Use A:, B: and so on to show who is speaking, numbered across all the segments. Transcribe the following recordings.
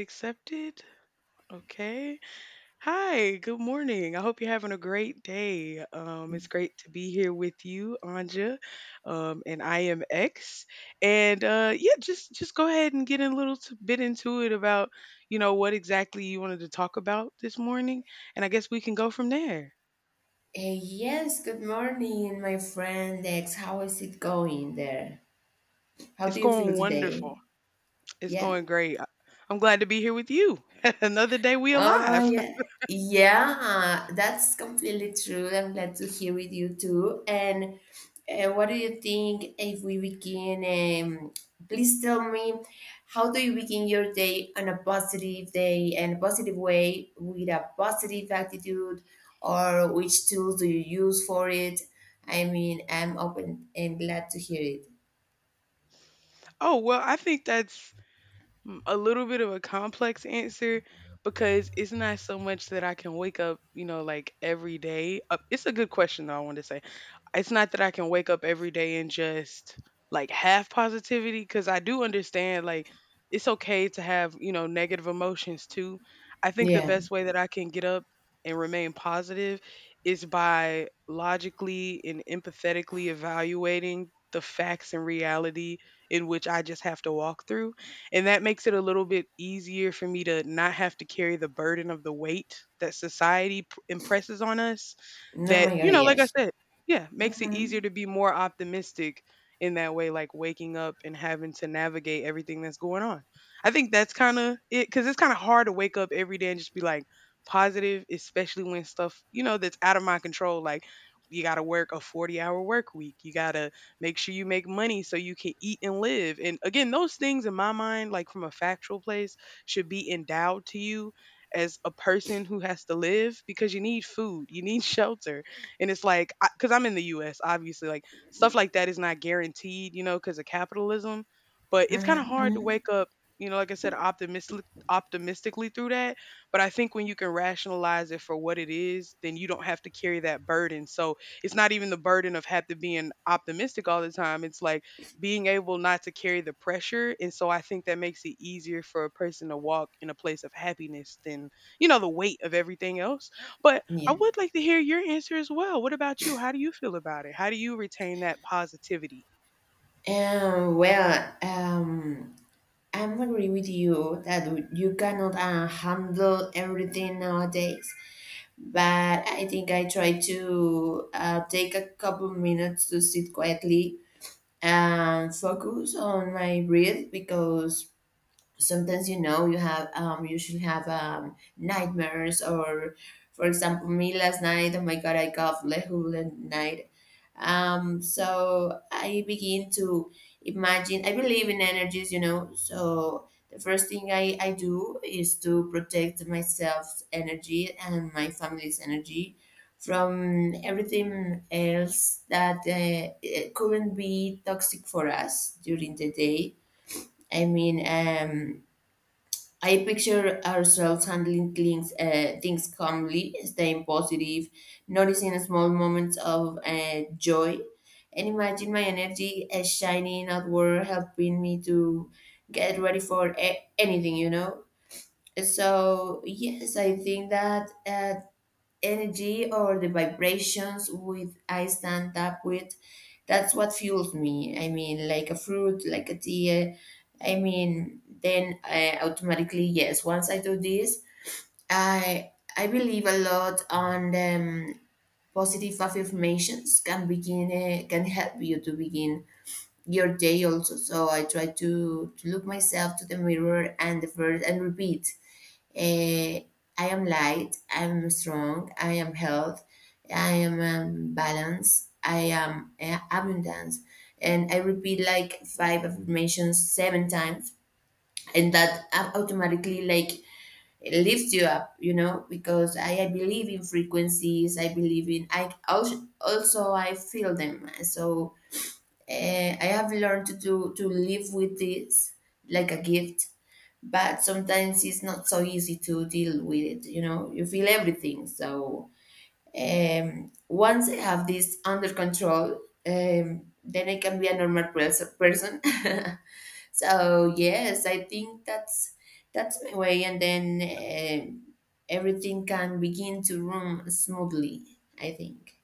A: Accepted. Okay. Hi, good morning. I hope you're having a great day. It's great to be here with you, Anja. And I am X. And Yeah, just go ahead and get a bit into it about, you know, what exactly you wanted to talk about this morning. And I guess we can go from there.
B: Yes, good morning, my friend X. How is it going there? How
A: It's
B: do you feel
A: going
B: today?
A: wonderful. It's
B: Yeah?
A: going great. I'm glad to be here with you. Another day we
B: Oh
A: alive.
B: yeah. Yeah, that's completely true. I'm glad to hear with you too. And what do you think if we begin? Please tell me, how do you begin your day on a positive day and a positive way with a positive attitude, or which tools do you use for it? I mean, I'm open and glad to hear it.
A: Oh, well, I think a little bit of a complex answer because it's not so much that I can wake up, you know, like every day. It's a good question, though, I want to say. It's not that I can wake up every day and just like have positivity because I do understand, like, it's okay to have, you know, negative emotions too. I think the
B: Yeah.
A: best way that I can get up and remain positive is by logically and empathetically evaluating the facts and reality in which I just have to walk through, and that makes it a little bit easier for me to not have to carry the burden of the weight that impresses on us.
B: Oh
A: That,
B: my God,
A: you know, like I
B: yes.
A: said, yeah, makes it
B: Mm-hmm.
A: easier to be more optimistic in that way, like waking up and having to navigate everything that's going on. I think that's kind of it, because it's kind of hard to wake up every day and just be like positive, especially when stuff, you know, that's out of my control. Like, you got to work a 40-hour work week. You got to make sure you make money so you can eat and live. And again, those things in my mind, like from a factual place, should be endowed to you as a person who has to live because you need food, you need shelter. And it's like, because I'm in the US, obviously, like stuff like that is not guaranteed, you know, because of capitalism. But it's kind of hard to
B: Mm-hmm.
A: wake up, you know, like I said, optimistically through that. But I think when you can rationalize it for what it is, then you don't have to carry that burden. So, it's not even the burden of have to being optimistic all the time. It's like being able not to carry the pressure. And so I think that makes it easier for a person to walk in a place of happiness than, you know, the weight of everything else. But
B: Yeah.
A: I would like to hear your answer as well. What about you? How do you feel about it? How do you retain that positivity?
B: Well, I'm agree with you that you cannot handle everything nowadays, but I think I try to take a couple minutes to sit quietly and focus on my breath. Because sometimes, you have you should have nightmares. Or, for example, me last night, oh my God, I got lehul whole night. So I begin to imagine. I believe in energies, you know, so the first thing I do is to protect myself's energy and my family's energy from everything else that it couldn't be toxic for us during the day. I mean, I picture ourselves handling things calmly, staying positive, noticing small moments of joy, and imagine my energy as shining outward, helping me to get ready for anything, you know? So, yes, I think that energy or the vibrations with I stand up with, that's what fuels me. I mean, like a fruit, like a tea. I mean, then I automatically yes. Once I do this, I believe a lot on positive affirmations can begin can help you to begin your day also. So I try to look myself to the mirror and the first and repeat. Eh, I am light, I am strong, I am health, I am balance, I am abundance. And I repeat like five affirmations seven times, and that automatically like it lifts you up, you know, because I believe in frequencies, I believe in, I also I feel them. So uh, I have learned to live with this like a gift, but sometimes it's not so easy to deal with it. You feel everything. So once I have this under control, then I can be a normal person. So yes, I think that's my way. And then um, everything can begin to run smoothly, I think.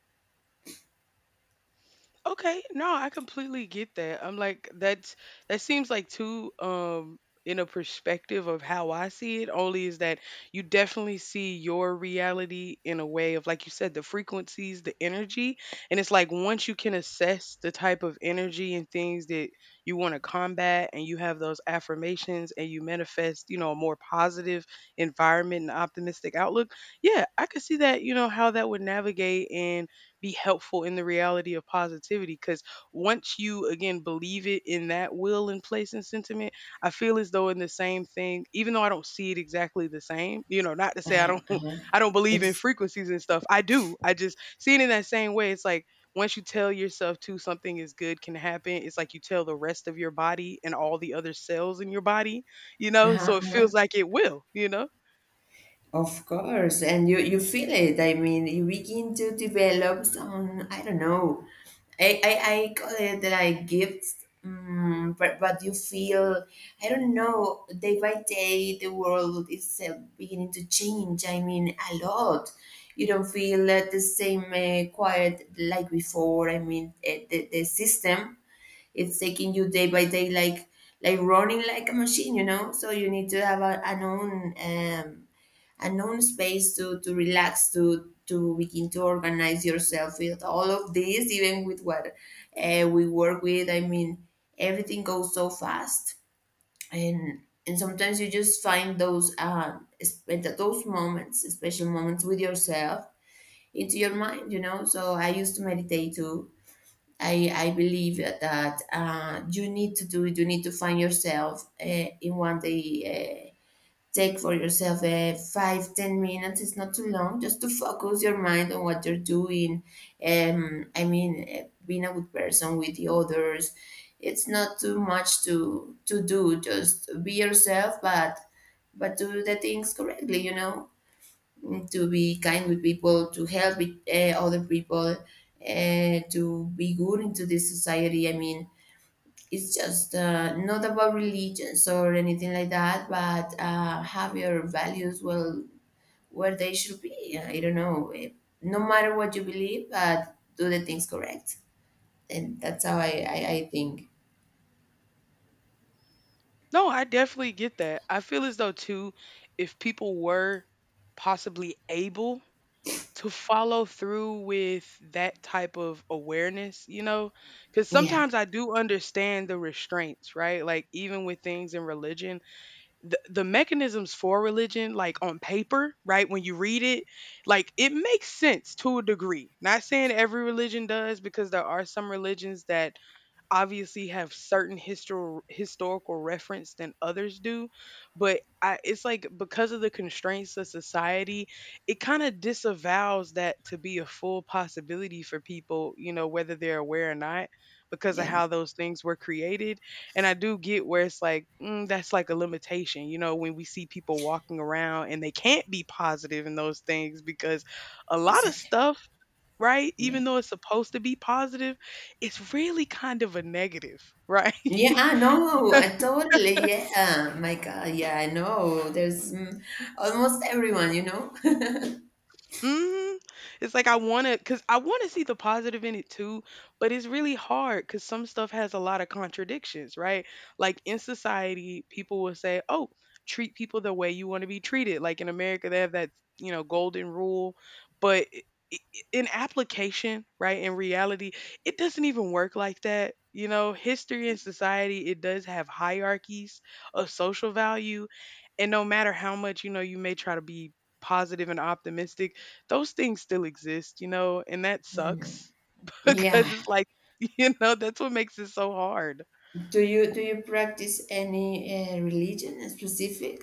A: Okay, no, I completely get that. I'm like that seems like too in a perspective of how I see it only is that you definitely see your reality in a way of, like you said, the frequencies, the energy, and it's like once you can assess the type of energy and things that you want to combat and you have those affirmations and you manifest, you know, a more positive environment and optimistic outlook. Yeah, I could see that, you know, how that would navigate and be helpful in the reality of positivity, because once you again believe it in that will and place and sentiment, I feel as though in the same thing. Even though I don't see it exactly the same, you know, not to say I
B: Uh-huh,
A: don't
B: uh-huh.
A: I don't believe in
B: It's
A: frequencies and stuff. I do, I just see it in that same way. It's like once you tell yourself to something is good can happen, it's like you tell the rest of your body and all the other cells in your body, you know,
B: uh-huh,
A: so it
B: uh-huh.
A: feels like it will, you know.
B: Of course, and you feel it. I mean, you begin to develop some. I don't know. I call it like gifts, but you feel. I don't know. Day by day, the world is beginning to change. I mean, a lot. You don't feel the same quiet like before. I mean, the system, it's taking you day by day, like running like a machine. So you need to have a, an own space to relax, to begin to organize yourself with all of this, even with what we work with. I mean, everything goes so fast. And and sometimes you just find those es- those moments special moments with yourself, into your mind. So I used to meditate too. I believe that you need to do it. You need to find yourself in one day. Take for yourself 5, 10 minutes. It's not too long. Just to focus your mind on what you're doing. I mean, being a good person with the others. It's not too much to do. Just be yourself, but do the things correctly. You know, to be kind with people, to help with, other people, to be good into this society. I mean, it's just not about religions or anything like that, but have your values well where they should be. I don't know. No matter what you believe, but do the things correct. And that's how I think.
A: No, I definitely get that. I feel as though too, if people were possibly able to follow through with that type of awareness, you know, because
B: Yeah,
A: sometimes I do understand the restraints, right? Like even with things in religion, the mechanisms for religion, like on paper, right? When you read it, like it makes sense to a degree. Not saying every religion does, because there are some religions that obviously have certain historical reference than others do, but I, it's like because of the constraints of society, it kind of disavows that to be a full possibility for people, you know, whether they're aware or not, because of
B: yeah,
A: how those things were created. And I do get where it's like, mm, that's like a limitation, you know, when we see people walking around and they can't be positive in those things because a lot of
B: exactly.
A: stuff, right?
B: Yeah.
A: Even though it's supposed to be positive, it's really kind of a negative, right?
B: Yeah, I know. I totally, yeah. My God, yeah, I know. Almost everyone.
A: Mhm. It's like I want to cuz I want to see the positive in it too, but it's really hard cuz some stuff has a lot of contradictions, right? Like in society, people will say, "Oh, treat people the way you want to be treated." Like in America, they have that, you know, golden rule, but in application, right? In reality, it doesn't even work like that. You know, history and society, it does have hierarchies of social value, and no matter how much, you know, you may try to be positive and optimistic, those things still exist, you know, and that sucks
B: Yeah.
A: because it's like, you know, that's what makes it so hard.
B: Do you practice any religion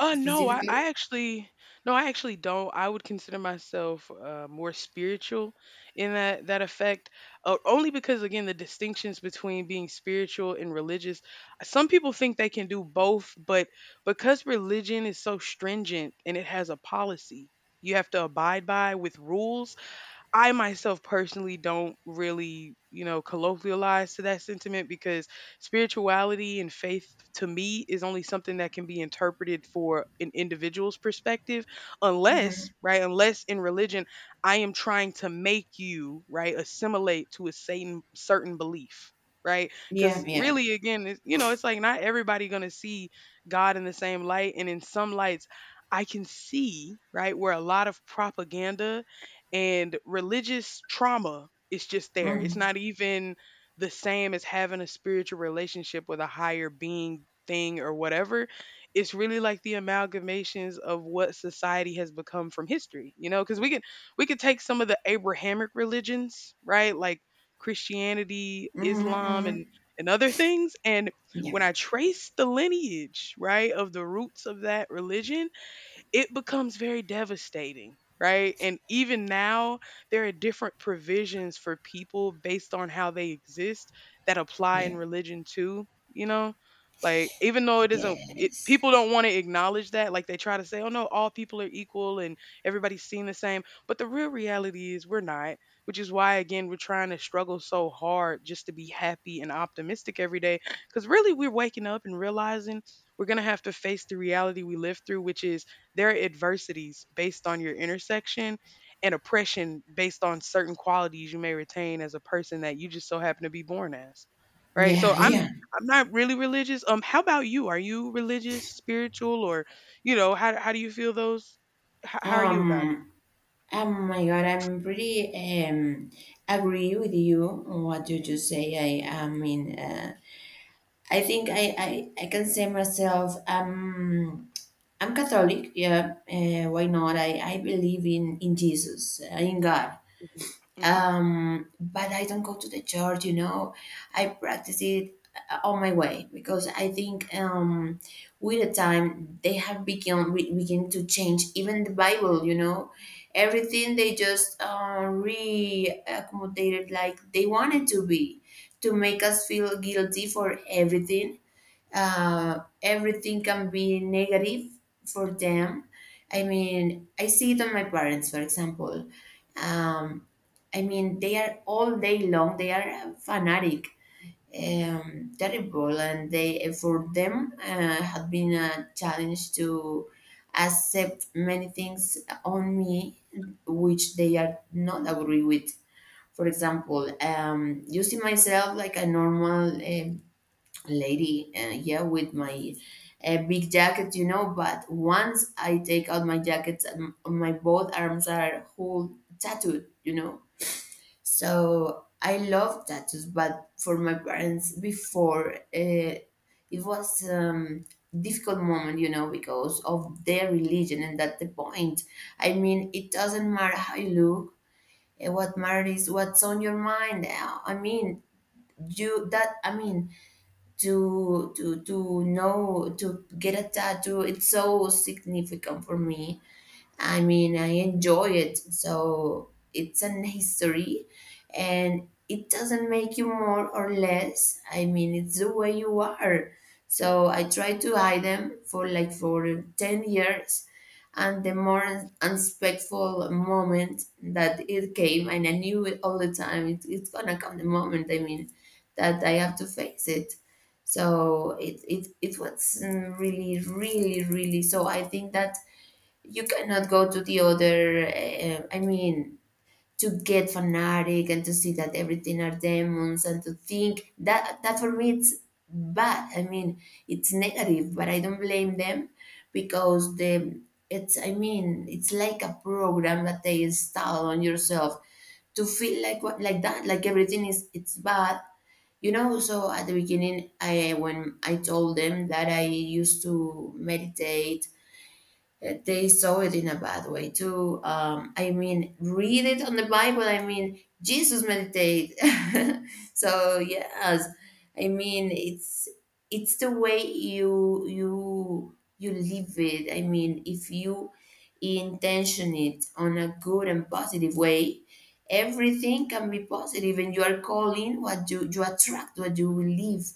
B: specifically?
A: I actually no, I actually don't. I would consider myself more spiritual in that effect, only because again the distinctions between being spiritual and religious. Some people think they can do both, but because religion is so stringent and it has a policy you have to abide by with rules, I myself personally don't really, you know, colloquialize to that sentiment because spirituality and faith to me is only something that can be interpreted for an individual's perspective, unless, right, unless in religion I am trying to make you, right, assimilate to a certain belief. Right,
B: Yeah,
A: because
B: yeah.
A: really, again, it's, you know, it's like not everybody gonna see God in the same light, and in some lights, I can see right where a lot of propaganda and religious trauma is just there. It's
B: Hmm.
A: not even the same as having a spiritual relationship with a higher being thing or whatever. It's really like the amalgamations of what society has become from history, you know, because we could take some of the Abrahamic religions, right? Like Christianity,
B: Hmm.
A: Islam
B: Hmm.
A: and other things. And
B: Yeah,
A: when I trace the lineage, right, of the roots of that religion, it becomes very devastating, right? And even now, there are different provisions for people based on how they exist that apply
B: yeah.
A: in religion too, you know? Like, even though it isn't, it,
B: Yes.
A: people don't want to acknowledge that. Like, they try to say, oh no, all people are equal and everybody's seen the same. But the real reality is we're not, which is why, again, we're trying to struggle so hard just to be happy and optimistic every day. Because really, we're waking up and realizing we're going to have to face the reality we live through, which is there are adversities based on your intersection and oppression based on certain qualities you may retain as a person that you just so happen to be born as. Right?
B: Yeah,
A: So I'm
B: yeah.
A: I'm not really religious. How about you? Are you religious, spiritual, or you know, how do you feel those how are you about
B: Um, oh my God, I'm pretty agree with you on what you just say. I think I can say myself, I'm Catholic. Yeah, why not? I believe in Jesus, in God.
A: it? Mhm.
B: But I don't go to the church. I practice it on my way, because I think with the time they have begun begin to change even the Bible. Everything they just re-accommodated like they wanted to be, to make us feel guilty for everything. Everything can be negative for them. I mean, I see it on my parents, for example. Um, I mean, they are all day long, they are fanatic, terrible, and they for them had been a challenge to accept many things on me, which they are not agree with. For example, using myself like a normal lady, yeah, with my big jacket. But once I take out my jacket, my both arms are whole tattooed. So I love tattoos, but for my parents before, it was difficult moment, because of their religion. And that's the point. I mean, it doesn't matter how you look. What matters is what's on your mind. I mean, you that I mean, to know, to get a tattoo, it's so significant for me. I mean, I enjoy it. So it's an history, and it doesn't make you more or less. I mean, it's the way you are. So I tried to hide them for like for 10 years. And the more unspectful moment that it came, and I knew it all the time, it's gonna come the moment, I mean, that I have to face it. So it was really, really, really. So I think that you cannot go to the other, I mean, to get fanatic and to see that everything are demons, and to think that that for me it's bad. I mean, it's negative, but I don't blame them, because the it's I mean it's like a program that they install on yourself, to feel like what, like that, like everything is it's bad. So at the beginning, I when I told them that I used to meditate, they saw it in a bad way too. I mean, read it on the Bible. I mean, Jesus meditate. So yes, I mean it's the way you live it. I mean, if you intention it on a good and positive way, everything can be positive, and you are calling what you attract, what you believe.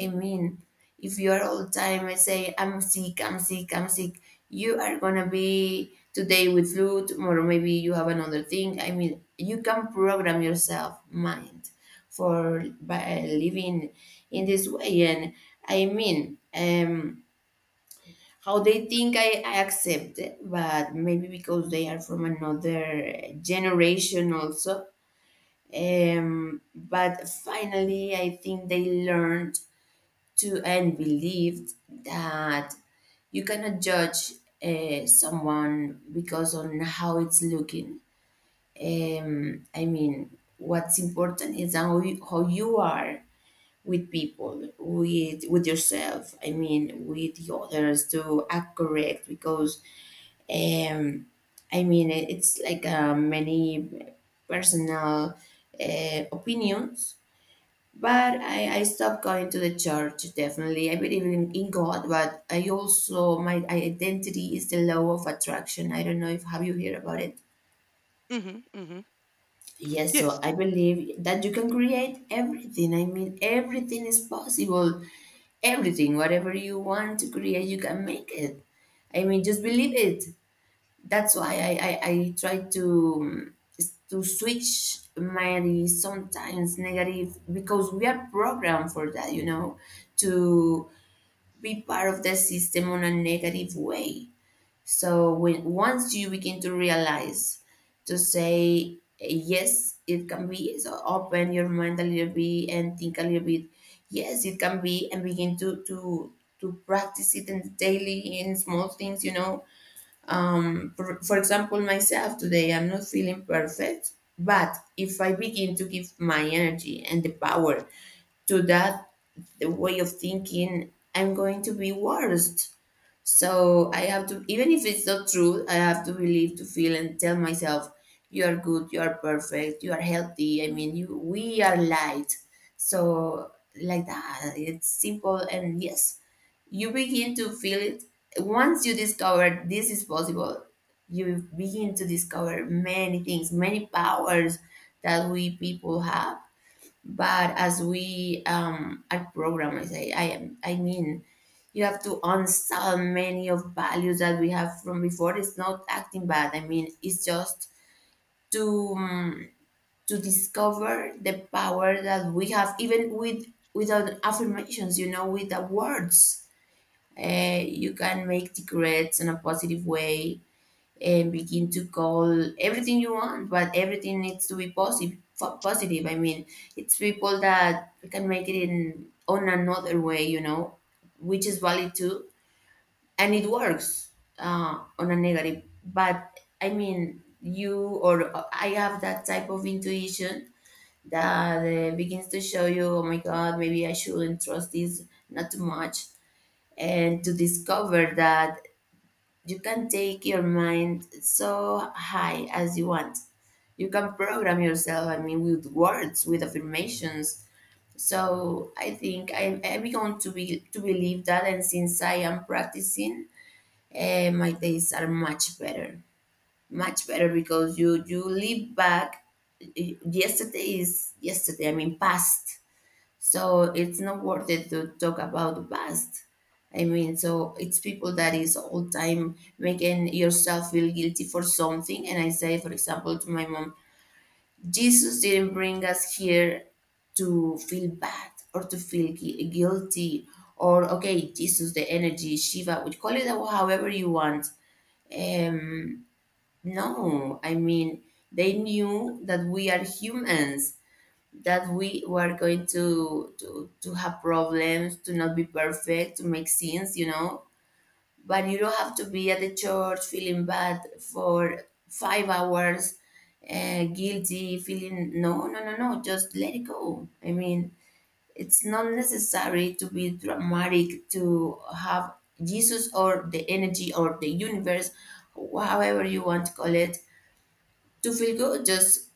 B: I mean, if you are all time, I say, I'm sick, I'm sick, I'm sick, you are gonna be today with flu, tomorrow maybe you have another thing. I mean, you can program yourself mind for by living in this way. And I mean, how they think I accept it, but maybe because they are from another generation also. But finally, I think they learned to and believed that you cannot judge someone because on how it's looking. I mean, what's important is how how you are with people, with yourself. I mean, with the others, to act correct, because um, I mean it's like many personal opinions. But I stopped going to the church, definitely. I believe in God, but I also, my identity is the law of attraction. I don't know if, have you heard about it?
A: Mhm. Mhm.
B: Yes, so
A: Yes.
B: I believe that you can create everything. I mean, everything is possible. Everything, whatever you want to create, you can make it. I mean, just believe it. That's why I try to switch my sometimes negative, because we are programmed for that, you know, to be part of the system on a negative way. So when once you begin to realize, to say yes, it can be, so open your mind a little bit and think a little bit. Yes, it can be, and begin to practice it in daily in small things, you know, for example, myself today, I'm not feeling perfect, but if I begin to give my energy and the power to that way of thinking, I'm going to be worse. So I have to, even if it's not true, I have to believe, to feel, and tell myself, you are good, you are perfect, you are healthy. I mean, we are light. So like that, it's simple and yes, you begin to feel it. Once you discover this is possible, you begin to discover many things, many powers that we people have. But as we are programmers, I am, I mean, you have to uninstall many of values that we have from before. It's not acting bad. I mean, it's just to um, to discover the power that we have, even without affirmations. You know, with the words you can make the regrets in a positive way and begin to call everything you want, but everything needs to be positive. Positive. I mean, it's people that can make it in on another way, you know, which is valid too, and it works on a negative. But I mean, you or I have that type of intuition that begins to show you, oh my God, maybe I shouldn't trust this not too much, and to discover that you can take your mind so high as you want. You can program yourself, I mean, with words, with affirmations. So I think I'm going to be to believe that, and since I am practicing, my days are much better because you live back. Yesterday is yesterday. I mean, past, so it's not worth it to talk about the past. I mean, so it's people that is all time making yourself feel guilty for something. And I say, for example, to my mom, Jesus didn't bring us here to feel bad or to feel guilty. Or okay, Jesus, the energy, Shiva, we call it however you want. um no, I mean, they knew that we are humans, that we were going to have problems, to not be perfect, to make sins, you know. But you don't have to be at the church feeling bad for 5 hours, guilty, feeling no, no, no, no. Just let it go. I mean, it's not necessary to be dramatic to have Jesus or the energy or the universe, however you want to call it, to feel good. Just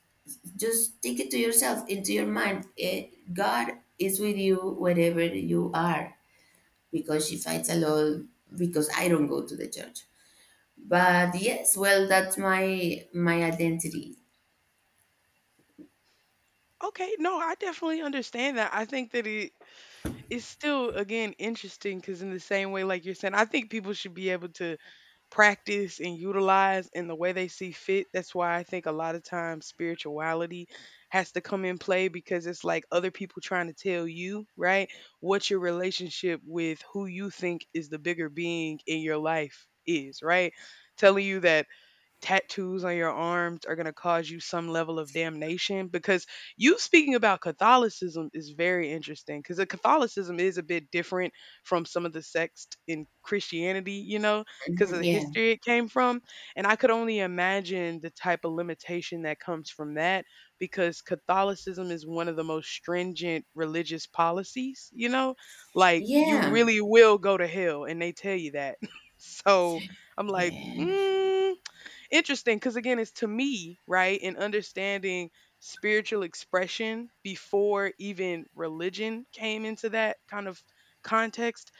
B: just take it to yourself, into your mind. God is with you wherever you are, because she fights a lot because I don't go to the church. But yes, well, that's my identity.
A: Okay, no, I definitely understand that. I think that it is still again interesting because in the same way like you're saying, I think people should be able to practice and utilize in the way they see fit. That's why I think a lot of times spirituality has to come in play because it's like other people trying to tell you, right, what your relationship with who you think is the bigger being in your life is, right? Telling you that tattoos on your arms are going to cause you some level of damnation, because you speaking about Catholicism is very interesting because Catholicism is a bit different from some of the sects in Christianity, you know, because of
B: Mhm,
A: the
B: yeah,
A: history it came from. And I could only imagine the type of limitation that comes from that because Catholicism is one of the most stringent religious policies, you know? Like, you
B: yeah,
A: really will go to hell, and they tell you that. So I'm like,
B: yeah,
A: interesting because again it's to me right in understanding spiritual expression before even religion came into that kind of context.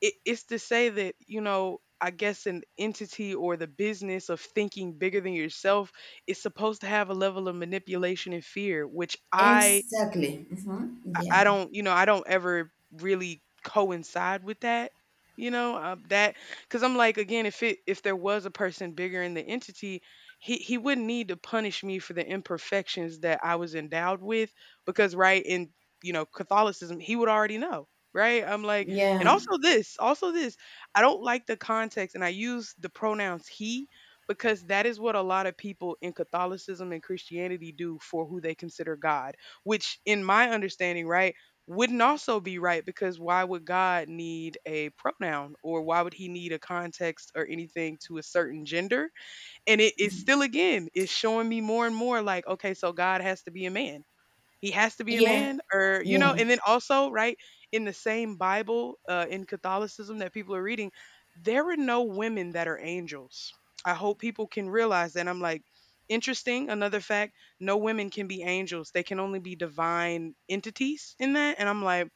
A: It's to say that you know I guess an entity or the business of thinking bigger than yourself is supposed to have a level of manipulation and fear, which i
B: exactly. Hmm.
A: I
B: Yeah,
A: I don't, I don't ever really coincide with that, you know, uh, that because I'm like, again, if it if there was a person bigger in the entity, he wouldn't need to punish me for the imperfections that I was endowed with, because right in Catholicism, he would already know, right? I'm like, and
B: yeah.
A: also this, I don't like the context, and I use the pronouns he. Because that is what a lot of people in Catholicism and Christianity do for who they consider God, which in my understanding, right, wouldn't also be right, because why would God need a pronoun or why would he need a context or anything to a certain gender? And it is
B: Mm-hmm.
A: still again, it's showing me more and more like, okay, so God has to be a man. He has to be a
B: Yeah,
A: man, or you know,
B: yeah,
A: and then also, right, in the same Bible, in Catholicism that people are reading, there are no women that are angels. I hope people can realize that. I'm like, interesting, another fact, no women can be angels. They can only be divine entities in that. And I'm like,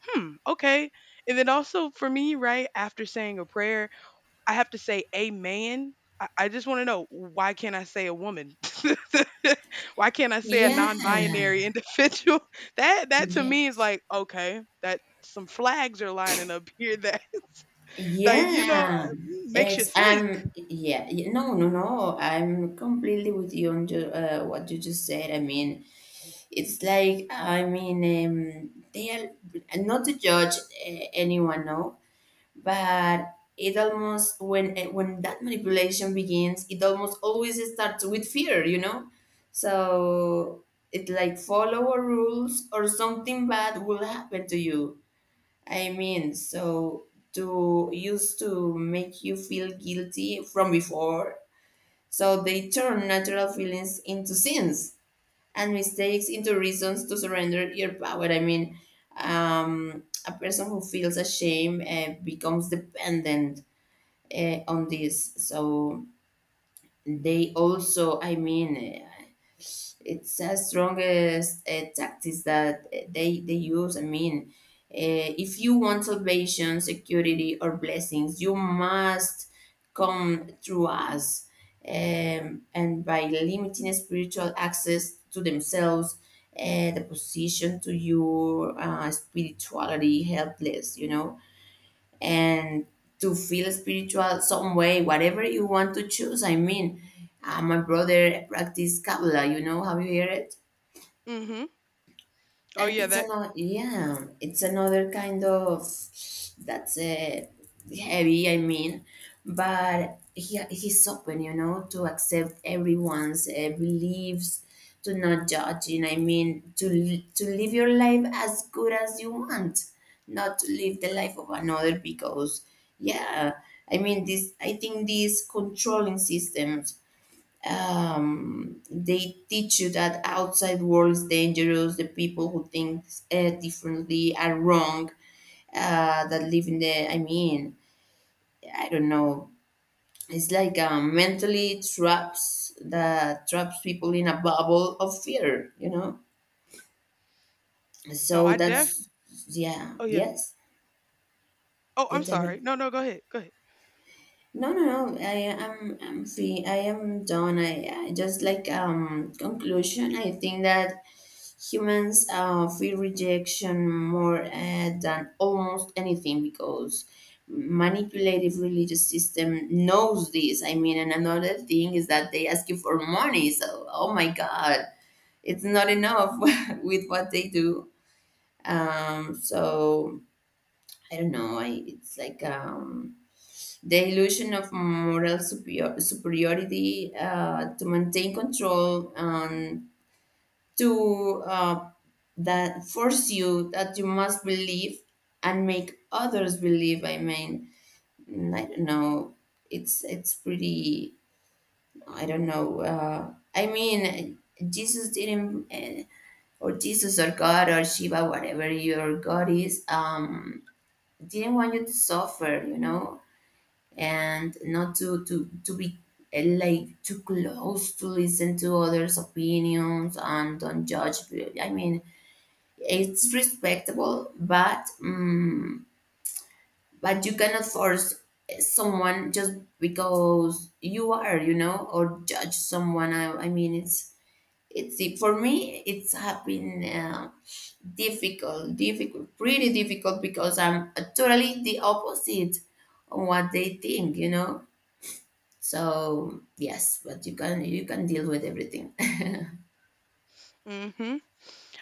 A: hmm, okay. And then also for me, right, after saying a prayer I have to say a man. I just want to know, why can't I say a woman? Why can't I say a non-binary
B: yeah,
A: individual? That to
B: yeah.
A: me is like, okay, that some flags are lining up here that like you know
B: Yeah,
A: makes you
B: ex
A: think.
B: I'm yeah, y- no, no, no. I'm completely with you on ju what you just said. I mean, it's like, I mean, they are not to judge anyone, no, but it almost when eh, when that manipulation begins, it almost always starts with fear, you know. So it's like follow our rules or something bad will happen to you. I mean, so to used to make you feel guilty from before. So they turn natural feelings into sins and mistakes into reasons to surrender your power. I mean, a person who feels ashamed becomes dependent on this. So they also, I mean, it's a strongest tactics that they use. I mean, if you want salvation, security, or blessings, you must come through us. And by limiting spiritual access to themselves, the position to your spirituality helpless, you know, and to feel spiritual some way, whatever you want to choose. I mean, my brother practice Kabbalah. You know, have you heard it?
A: Mhm. Oh
B: And
A: yeah,
B: it's
A: that
B: another, yeah, it's another kind of. That's heavy. I mean, but he's open, you know, to accept everyone's beliefs, to not judging. I mean, to live your life as good as you want, not to live the life of another because, yeah, I mean this. I think these controlling systems they teach you that outside world is dangerous. The people who think differently are wrong. That live in the, I mean, I don't know. It's like mentally traps that traps people in a bubble of fear. You know.
A: no,
B: So
A: I def.
B: that's, yeah.
A: Oh yeah.
B: Yes.
A: Oh,
B: Yeah.
A: I'm
B: Tell me.
A: sorry. No, no, go ahead. Go ahead.
B: No, no, no. I'm free. I am done. I just like conclusion. I think that humans feel rejection more than almost anything because manipulative religious system knows this. I mean, and another thing is that they ask you for money. So, oh my God, it's not enough with what they do. So I don't know. I, it's like the illusion of moral superiority to maintain control. And to that force you that you must believe and make others believe. I mean, I don't know. It's pretty. I don't know. I mean, Jesus didn't, or Jesus or God or Shiva, whatever your God is, didn't want you to suffer. You know, and not to be like too close to listen to others' opinions and don't judge. I mean, it's respectable, but but you cannot force someone just because you are, or judge someone. I mean, for me it's have been difficult difficult pretty difficult because I'm totally the opposite on what they think, you know. So yes, but you can deal with everything.
A: Mhm.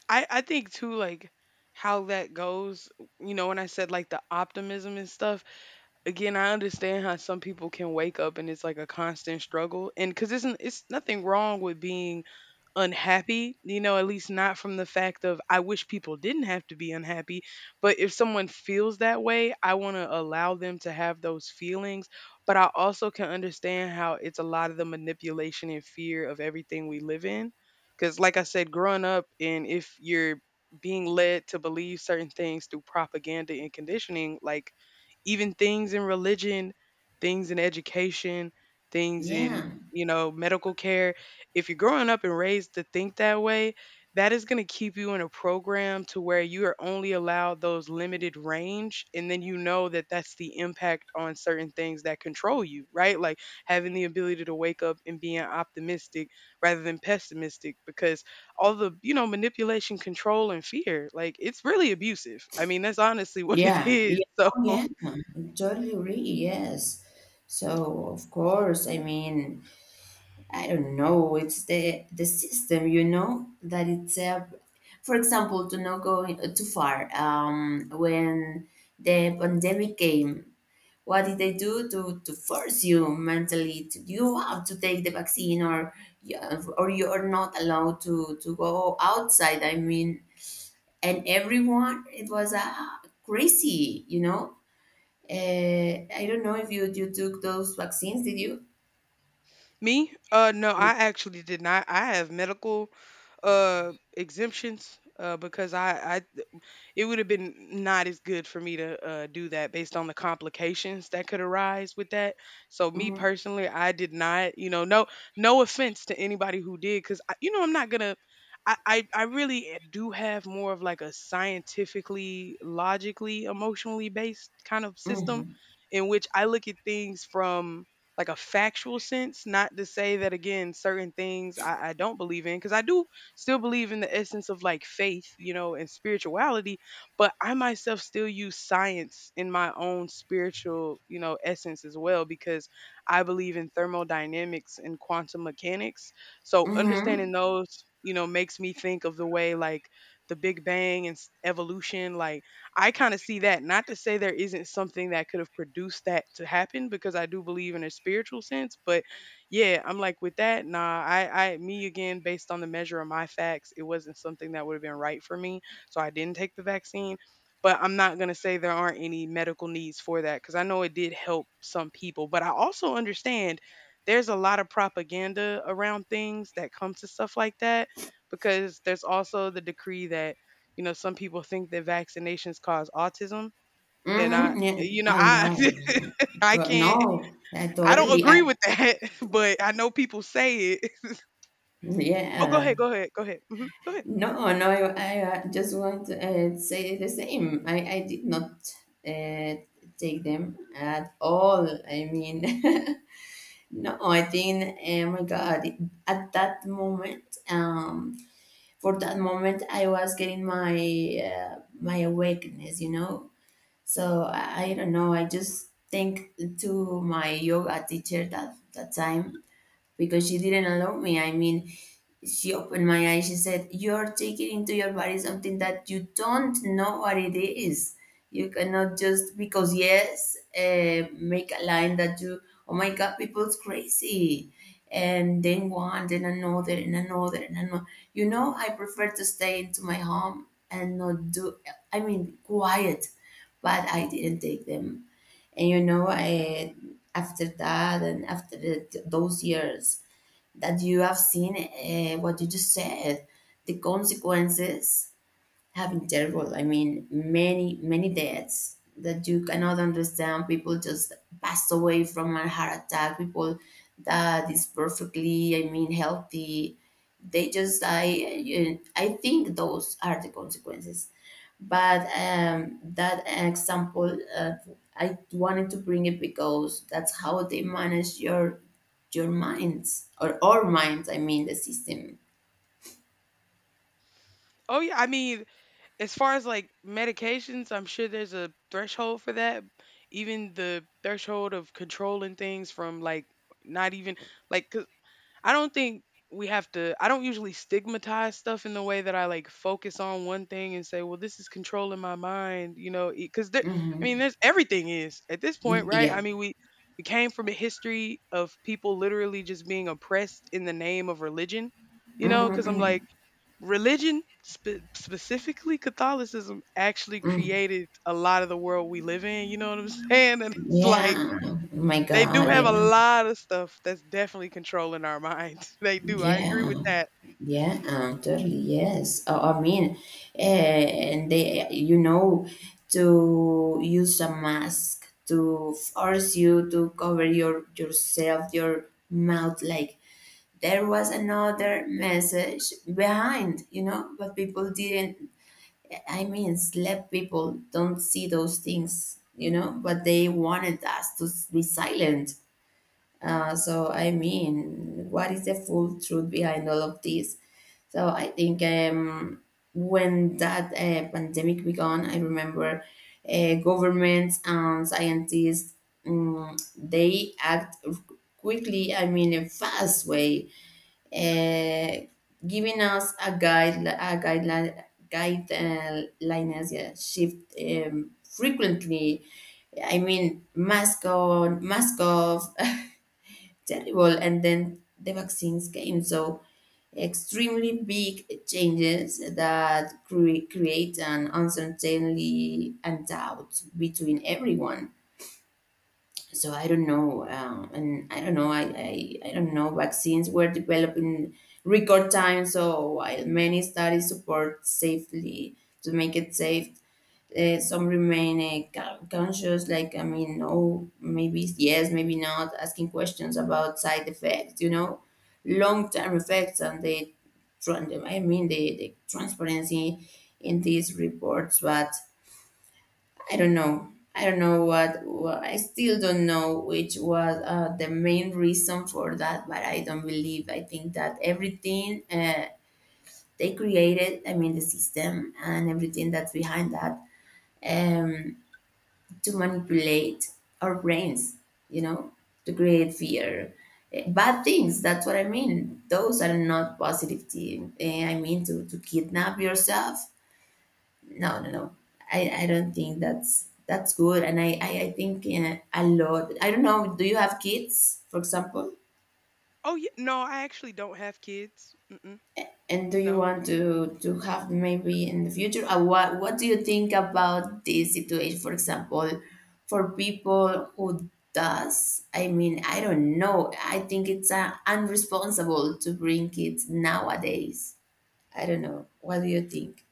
A: I think too, like how that goes, you know, when I said like the optimism and stuff, again, I understand how some people can wake up and it's like a constant struggle. And because it's nothing wrong with being unhappy, you know, at least not from the fact of I wish people didn't have to be unhappy. But if someone feels that way, I want to allow them to have those feelings. But I also can understand how it's a lot of the manipulation and fear of everything we live in. Because, like I said, growing up, and if you're being led to believe certain things through propaganda and conditioning, like even things in religion, things in education, things
B: Yeah.
A: in, you know, medical care. If you're growing up and raised to think that way, that is going to keep you in a program to where you are only allowed those limited range, and then you know that that's the impact on certain things that control you, right, like having the ability to wake up and being optimistic rather than pessimistic, because all the you know manipulation, control, and fear, like it's really abusive. I mean, that's honestly what it
B: Yeah,
A: is.
B: yeah,
A: So
B: oh, yeah, totally agree. Yes. So, of course, I mean, I don't know, it's the system, you know, that it's for example, to not go too far. When the pandemic came, what did they do to force you mentally to you have to take the vaccine? Or yeah, or you are not allowed to go outside. I mean, and everyone, it was crazy, you know. I don't know if you took those vaccines. Did you?
A: me? No, I actually did not. I have medical exemptions, because I it would have been not as good for me to do that based on the complications that could arise with that. So me
B: Mm-hmm.
A: personally, I did not. You know, no offense to anybody who did, because you know I'm not gonna. I really do have more of like a scientifically, logically, emotionally based kind of system
B: Mm-hmm.
A: in which I look at things from like a factual sense, not to say that again, certain things I don't believe in, because I do still believe in the essence of like faith, you know, and spirituality, but I myself still use science in my own spiritual, you know, essence as well, because I believe in thermodynamics and quantum mechanics. So
B: Mm-hmm.
A: understanding those, you know, makes me think of the way like the Big Bang and evolution, like I kind of see that. Not to say there isn't something that could have produced that to happen, because I do believe in a spiritual sense, but yeah, I'm like, with that, nah, I me again based on the measure of my facts, it wasn't something that would have been right for me, so I didn't take the vaccine. But I'm not going to say there aren't any medical needs for that, because I know it did help some people. But I also understand there's a lot of propaganda around things that comes to stuff like that, because there's also the decree that you know, some people think that vaccinations cause autism, and I
B: Mm-hmm. Yeah,
A: you know,
B: I
A: I
B: love
A: I
B: God,
A: can't
B: no, I
A: I don't
B: totally.
A: agree with that, but I know people say it. Oh, go
B: Yeah.
A: ahead, go ahead, go ahead. Mhm, go ahead.
B: No,
A: Mhm.
B: no, I just want to say the same. I did not uh, take them at all. I mean, no, I think, oh my God, at that moment, for that moment I was getting my awakeness, you know. So I don't know, I just think to my yoga teacher that time, because she didn't allow me. I mean, she opened my eyes. She said, "You're taking into your body something that you don't know what it is. You cannot just, because yes, make a line that you, oh my God, people's crazy. And then one, then another, and another, and another." You know, I prefer to stay into my home and not do, I mean, quiet, but I didn't take them. And you know, after that and after those years that you have seen, what you just said, the consequences. Having terrible, I mean, many, many deaths that you cannot understand. People just passed away from a heart attack. People that is perfectly, I mean, healthy. They just die. I think those are the consequences. But that example, I wanted to bring it because that's how they manage your minds or our minds. I mean, the system.
A: Oh, yeah, I mean, as far as, like, medications, I'm sure there's a threshold for that. Even the threshold of controlling things from, like, not even like 'cause I don't think we have to I don't usually stigmatize stuff in the way that I like focus on one thing and say, "Well, this is controlling my mind," you know, because there I mean,
B: Hmm.
A: there's everything is at this point, right? I
B: Yeah.
A: mean, we came from a history of people literally just being oppressed in the name of religion, you know, because I'm
B: Hmm.
A: like, religion specifically Catholicism actually created a lot of the world we live in, you know what I'm saying? And it's like
B: Yeah. Oh my
A: they do
B: God.
A: have a
B: Yeah.
A: lot of stuff that's definitely controlling our minds. They do. I agree with
B: Yeah.
A: that.
B: Yeah. Totally. Yes. I mean, and they, you know, to use a mask to force you to cover yourself, your mouth. Like there was another message behind, you know, but people didn't. I mean, slept people don't see those things, you know, but they wanted us to be silent. So I mean, what is the full truth behind all of this? So I think when that pandemic began, I remember governments and scientists they act quickly. I mean, a fast way, uh, giving us a guide, a guideline, guidelines, yeah, shift frequently. I mean, mask on, mask off. Terrible. And then the vaccines came. So extremely big changes that create an uncertainty and doubt between everyone. So I don't know, and I don't know. I don't know. Vaccines were developed in record time, so while many studies support safely to make it safe, some remain conscious, like, I mean, no, maybe yes, maybe not, asking questions about side effects, you know, long-term effects, and the transparency in these reports. But I don't know, I don't know what I still don't know which was the main reason for that. But I don't believe, I think that everything they created, I mean the system and everything that's behind that, um, to manipulate our brains, you know, to create fear. Bad things, that's what I mean. Those are not positive things. I mean, to kidnap yourself. No, no, no. I don't think that's good. And I think a lot. I don't know, do you have kids, for example?
A: Oh, yeah. No, I actually don't have kids. Mm-mm,
B: And do you
A: no.
B: want to have maybe in the future? What do you think about this situation? For example, for people who does, I mean, I don't know. I think it's unresponsible to bring kids nowadays. I don't know. What do you think?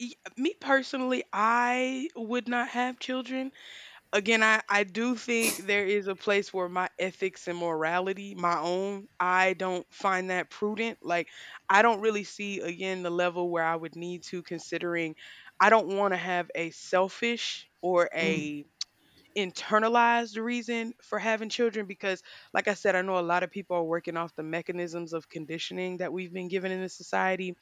A: E- Me personally, I would not have children. Again, I do think there is a place where my ethics and morality, my own, I don't find that prudent. Like, I don't really see, again, the level where I would need to, considering I don't want to have a selfish or
B: Mm,
A: a internalize the reason for having children, because like I said, I know a lot of people are working off the mechanisms of conditioning that we've been given in this society,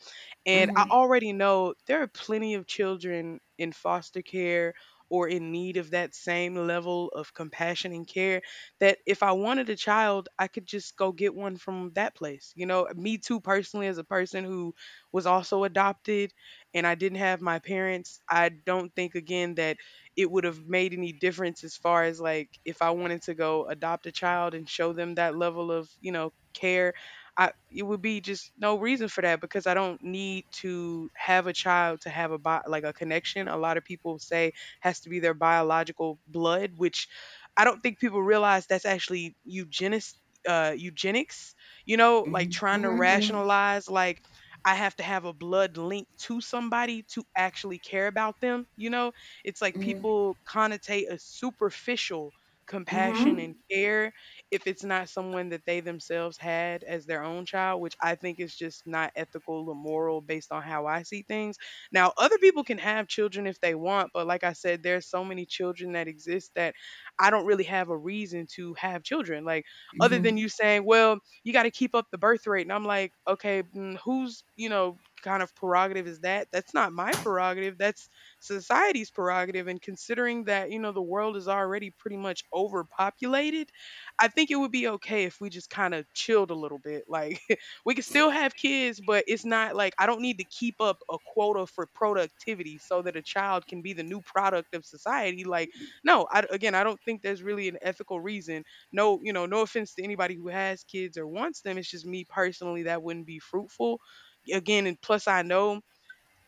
A: and
B: mhm,
A: I already know there are plenty of children in foster care or in need of that same level of compassion and care, that if I wanted a child, I could just go get one from that place. You know, me too, personally, as a person who was also adopted and I didn't have my parents, I don't think, again, that it would have made any difference as far as like if I wanted to go adopt a child and show them that level of, you know, care, I it would be just no reason for that, because I don't need to have a child to have a like a connection. A lot of people say has to be their biological blood, which I don't think people realize that's actually eugenis eugenics, you know, like
B: mhm,
A: trying to
B: mhm, mhm,
A: rationalize like I have to have a blood link to somebody to actually care about them, you know? It's like
B: mhm,
A: people connotate a superficial compassion
B: mhm,
A: and care if it's not someone that they themselves had as their own child, which I think is just not ethical or moral based on how I see things. Now, other people can have children if they want, but like I said, there's so many children that exist that I don't really have a reason to have children. Like, other than
B: mhm,
A: you saying, "Well, you got to keep up the birth rate," and I'm like, "Okay, mm, whose you know kind of prerogative is that? That's not my prerogative. That's society's prerogative." And considering that you know the world is already pretty much overpopulated, I think it would be okay if we just kind of chilled a little bit. Like we could still have kids, but it's not like I don't need to keep up a quota for productivity so that a child can be the new product of society. Like no, I, again, I don't think there's really an ethical reason. No, you know, no offense to anybody who has kids or wants them. It's just me personally that wouldn't be fruitful. Again, and plus I know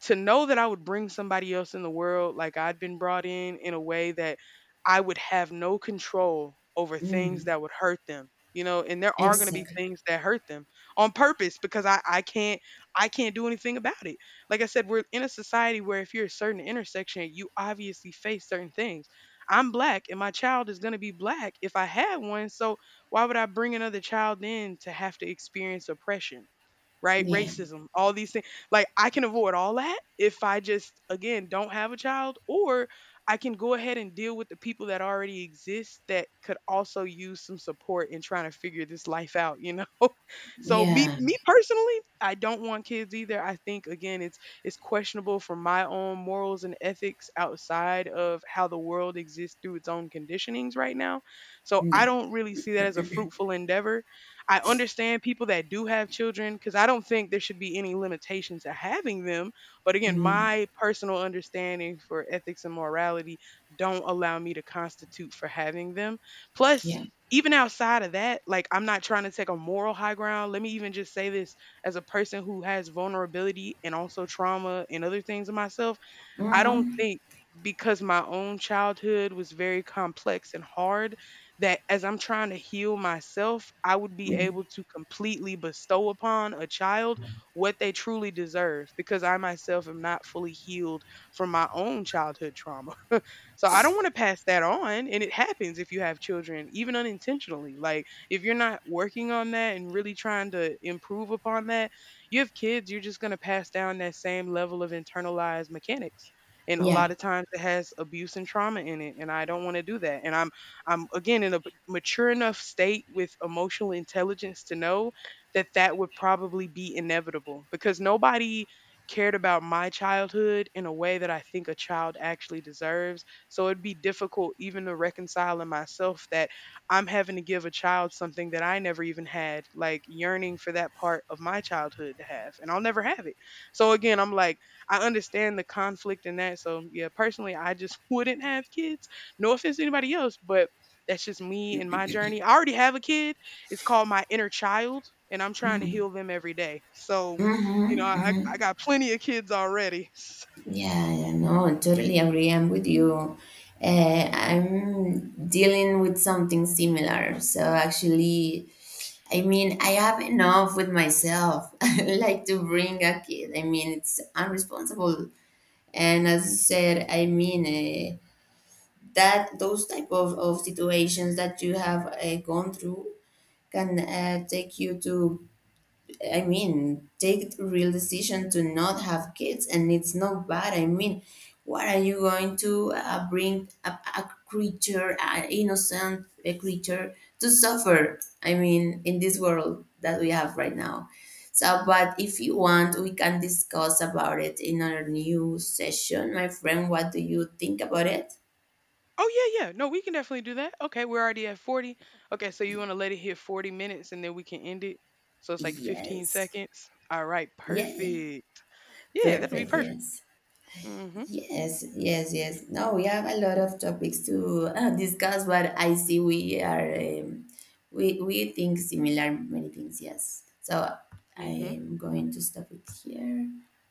A: to know that I would bring somebody else in the world like I'd been brought in a way that I would have no control over things
B: mhm.
A: that would hurt them. You know, and there are going to be
B: Exactly.
A: things that hurt them on purpose, because I can't do anything about it. Like I said, we're in a society where if you're a certain intersection, you obviously face certain things. I'm black and my child is going to be black if I had one. So why would I bring another child in to have to experience oppression? Right?
B: Yeah.
A: Racism, all these things. Like I can avoid all that if I just again don't have a child, or I can go ahead and deal with the people that already exist that could also use some support in trying to figure this life out, you know. So me
B: Yeah.
A: me personally, I don't want kids either. I think again it's questionable from my own morals and ethics outside of how the world exists through its own conditionings right now. So I
B: Yeah.
A: don't really see that as a fruitful endeavor. I understand people that do have children, because I don't think there should be any limitations to having them. But again,
B: Mhm.
A: my personal understanding for ethics and morality don't allow me to constitute for having them. Plus,
B: Yeah.
A: even outside of that, like I'm not trying to take a moral high ground. Let me even just say this as a person who has vulnerability and also trauma and other things in myself. I don't
B: Mhm,
A: think, because my own childhood was very complex and hard, that as I'm trying to heal myself, I would be
B: mm,
A: able to completely bestow upon a child what they truly deserve, because I myself am not fully healed from my own childhood trauma. So I don't want to pass that on. And it happens if you have children, even unintentionally. Like if you're not working on that and really trying to improve upon that, you have kids, you're just going to pass down that same level of internalized mechanics. And a lot
B: yeah.
A: of times it has abuse and trauma in it, and I don't want to do that. And I'm again in a mature enough state with emotional intelligence to know that that would probably be inevitable, because nobody cared about my childhood in a way that I think a child actually deserves, so it'd be difficult even to reconcile in myself that I'm having to give a child something that I never even had, like yearning for that part of my childhood to have, and I'll never have it. So again, I'm like, I understand the conflict in that. So yeah, personally, I just wouldn't have kids. No offense to anybody else, but that's just me and my journey. I already have a kid. It's called my inner child, and I'm trying to heal them every day. So, you know, I got plenty of kids already.
B: Yeah, yeah, no, I totally agree. I'm with you. I'm dealing with something similar. So actually, I mean, I have enough with myself, like to bring a kid. I mean, it's unresponsible. And as you said, I mean, uh, that those type of situations that you have gone through can take you to, I mean, take the real decision to not have kids, and it's not bad. I mean, what are you going to bring a creature, an innocent a creature, to suffer? I mean, in this world that we have right now. So, but if you want, we can discuss about it in our new session, my friend. What do you think about it?
A: Oh yeah, yeah. No, we can definitely do that. Okay, we're already at 40. Okay, so you want to let it hit 40 minutes and then we can end it. So it's like 15
B: Yes.
A: seconds. All right,
B: Yeah. Yeah.
A: perfect. Yeah, that'll be
B: Perfect.
A: perfect.
B: Yes.
A: Mhm.
B: Yes, yes, yes. Now we have a lot of topics to discuss, but I see we are we think similar many things. Yes, so
A: Mhm.
B: I'm going to stop it here.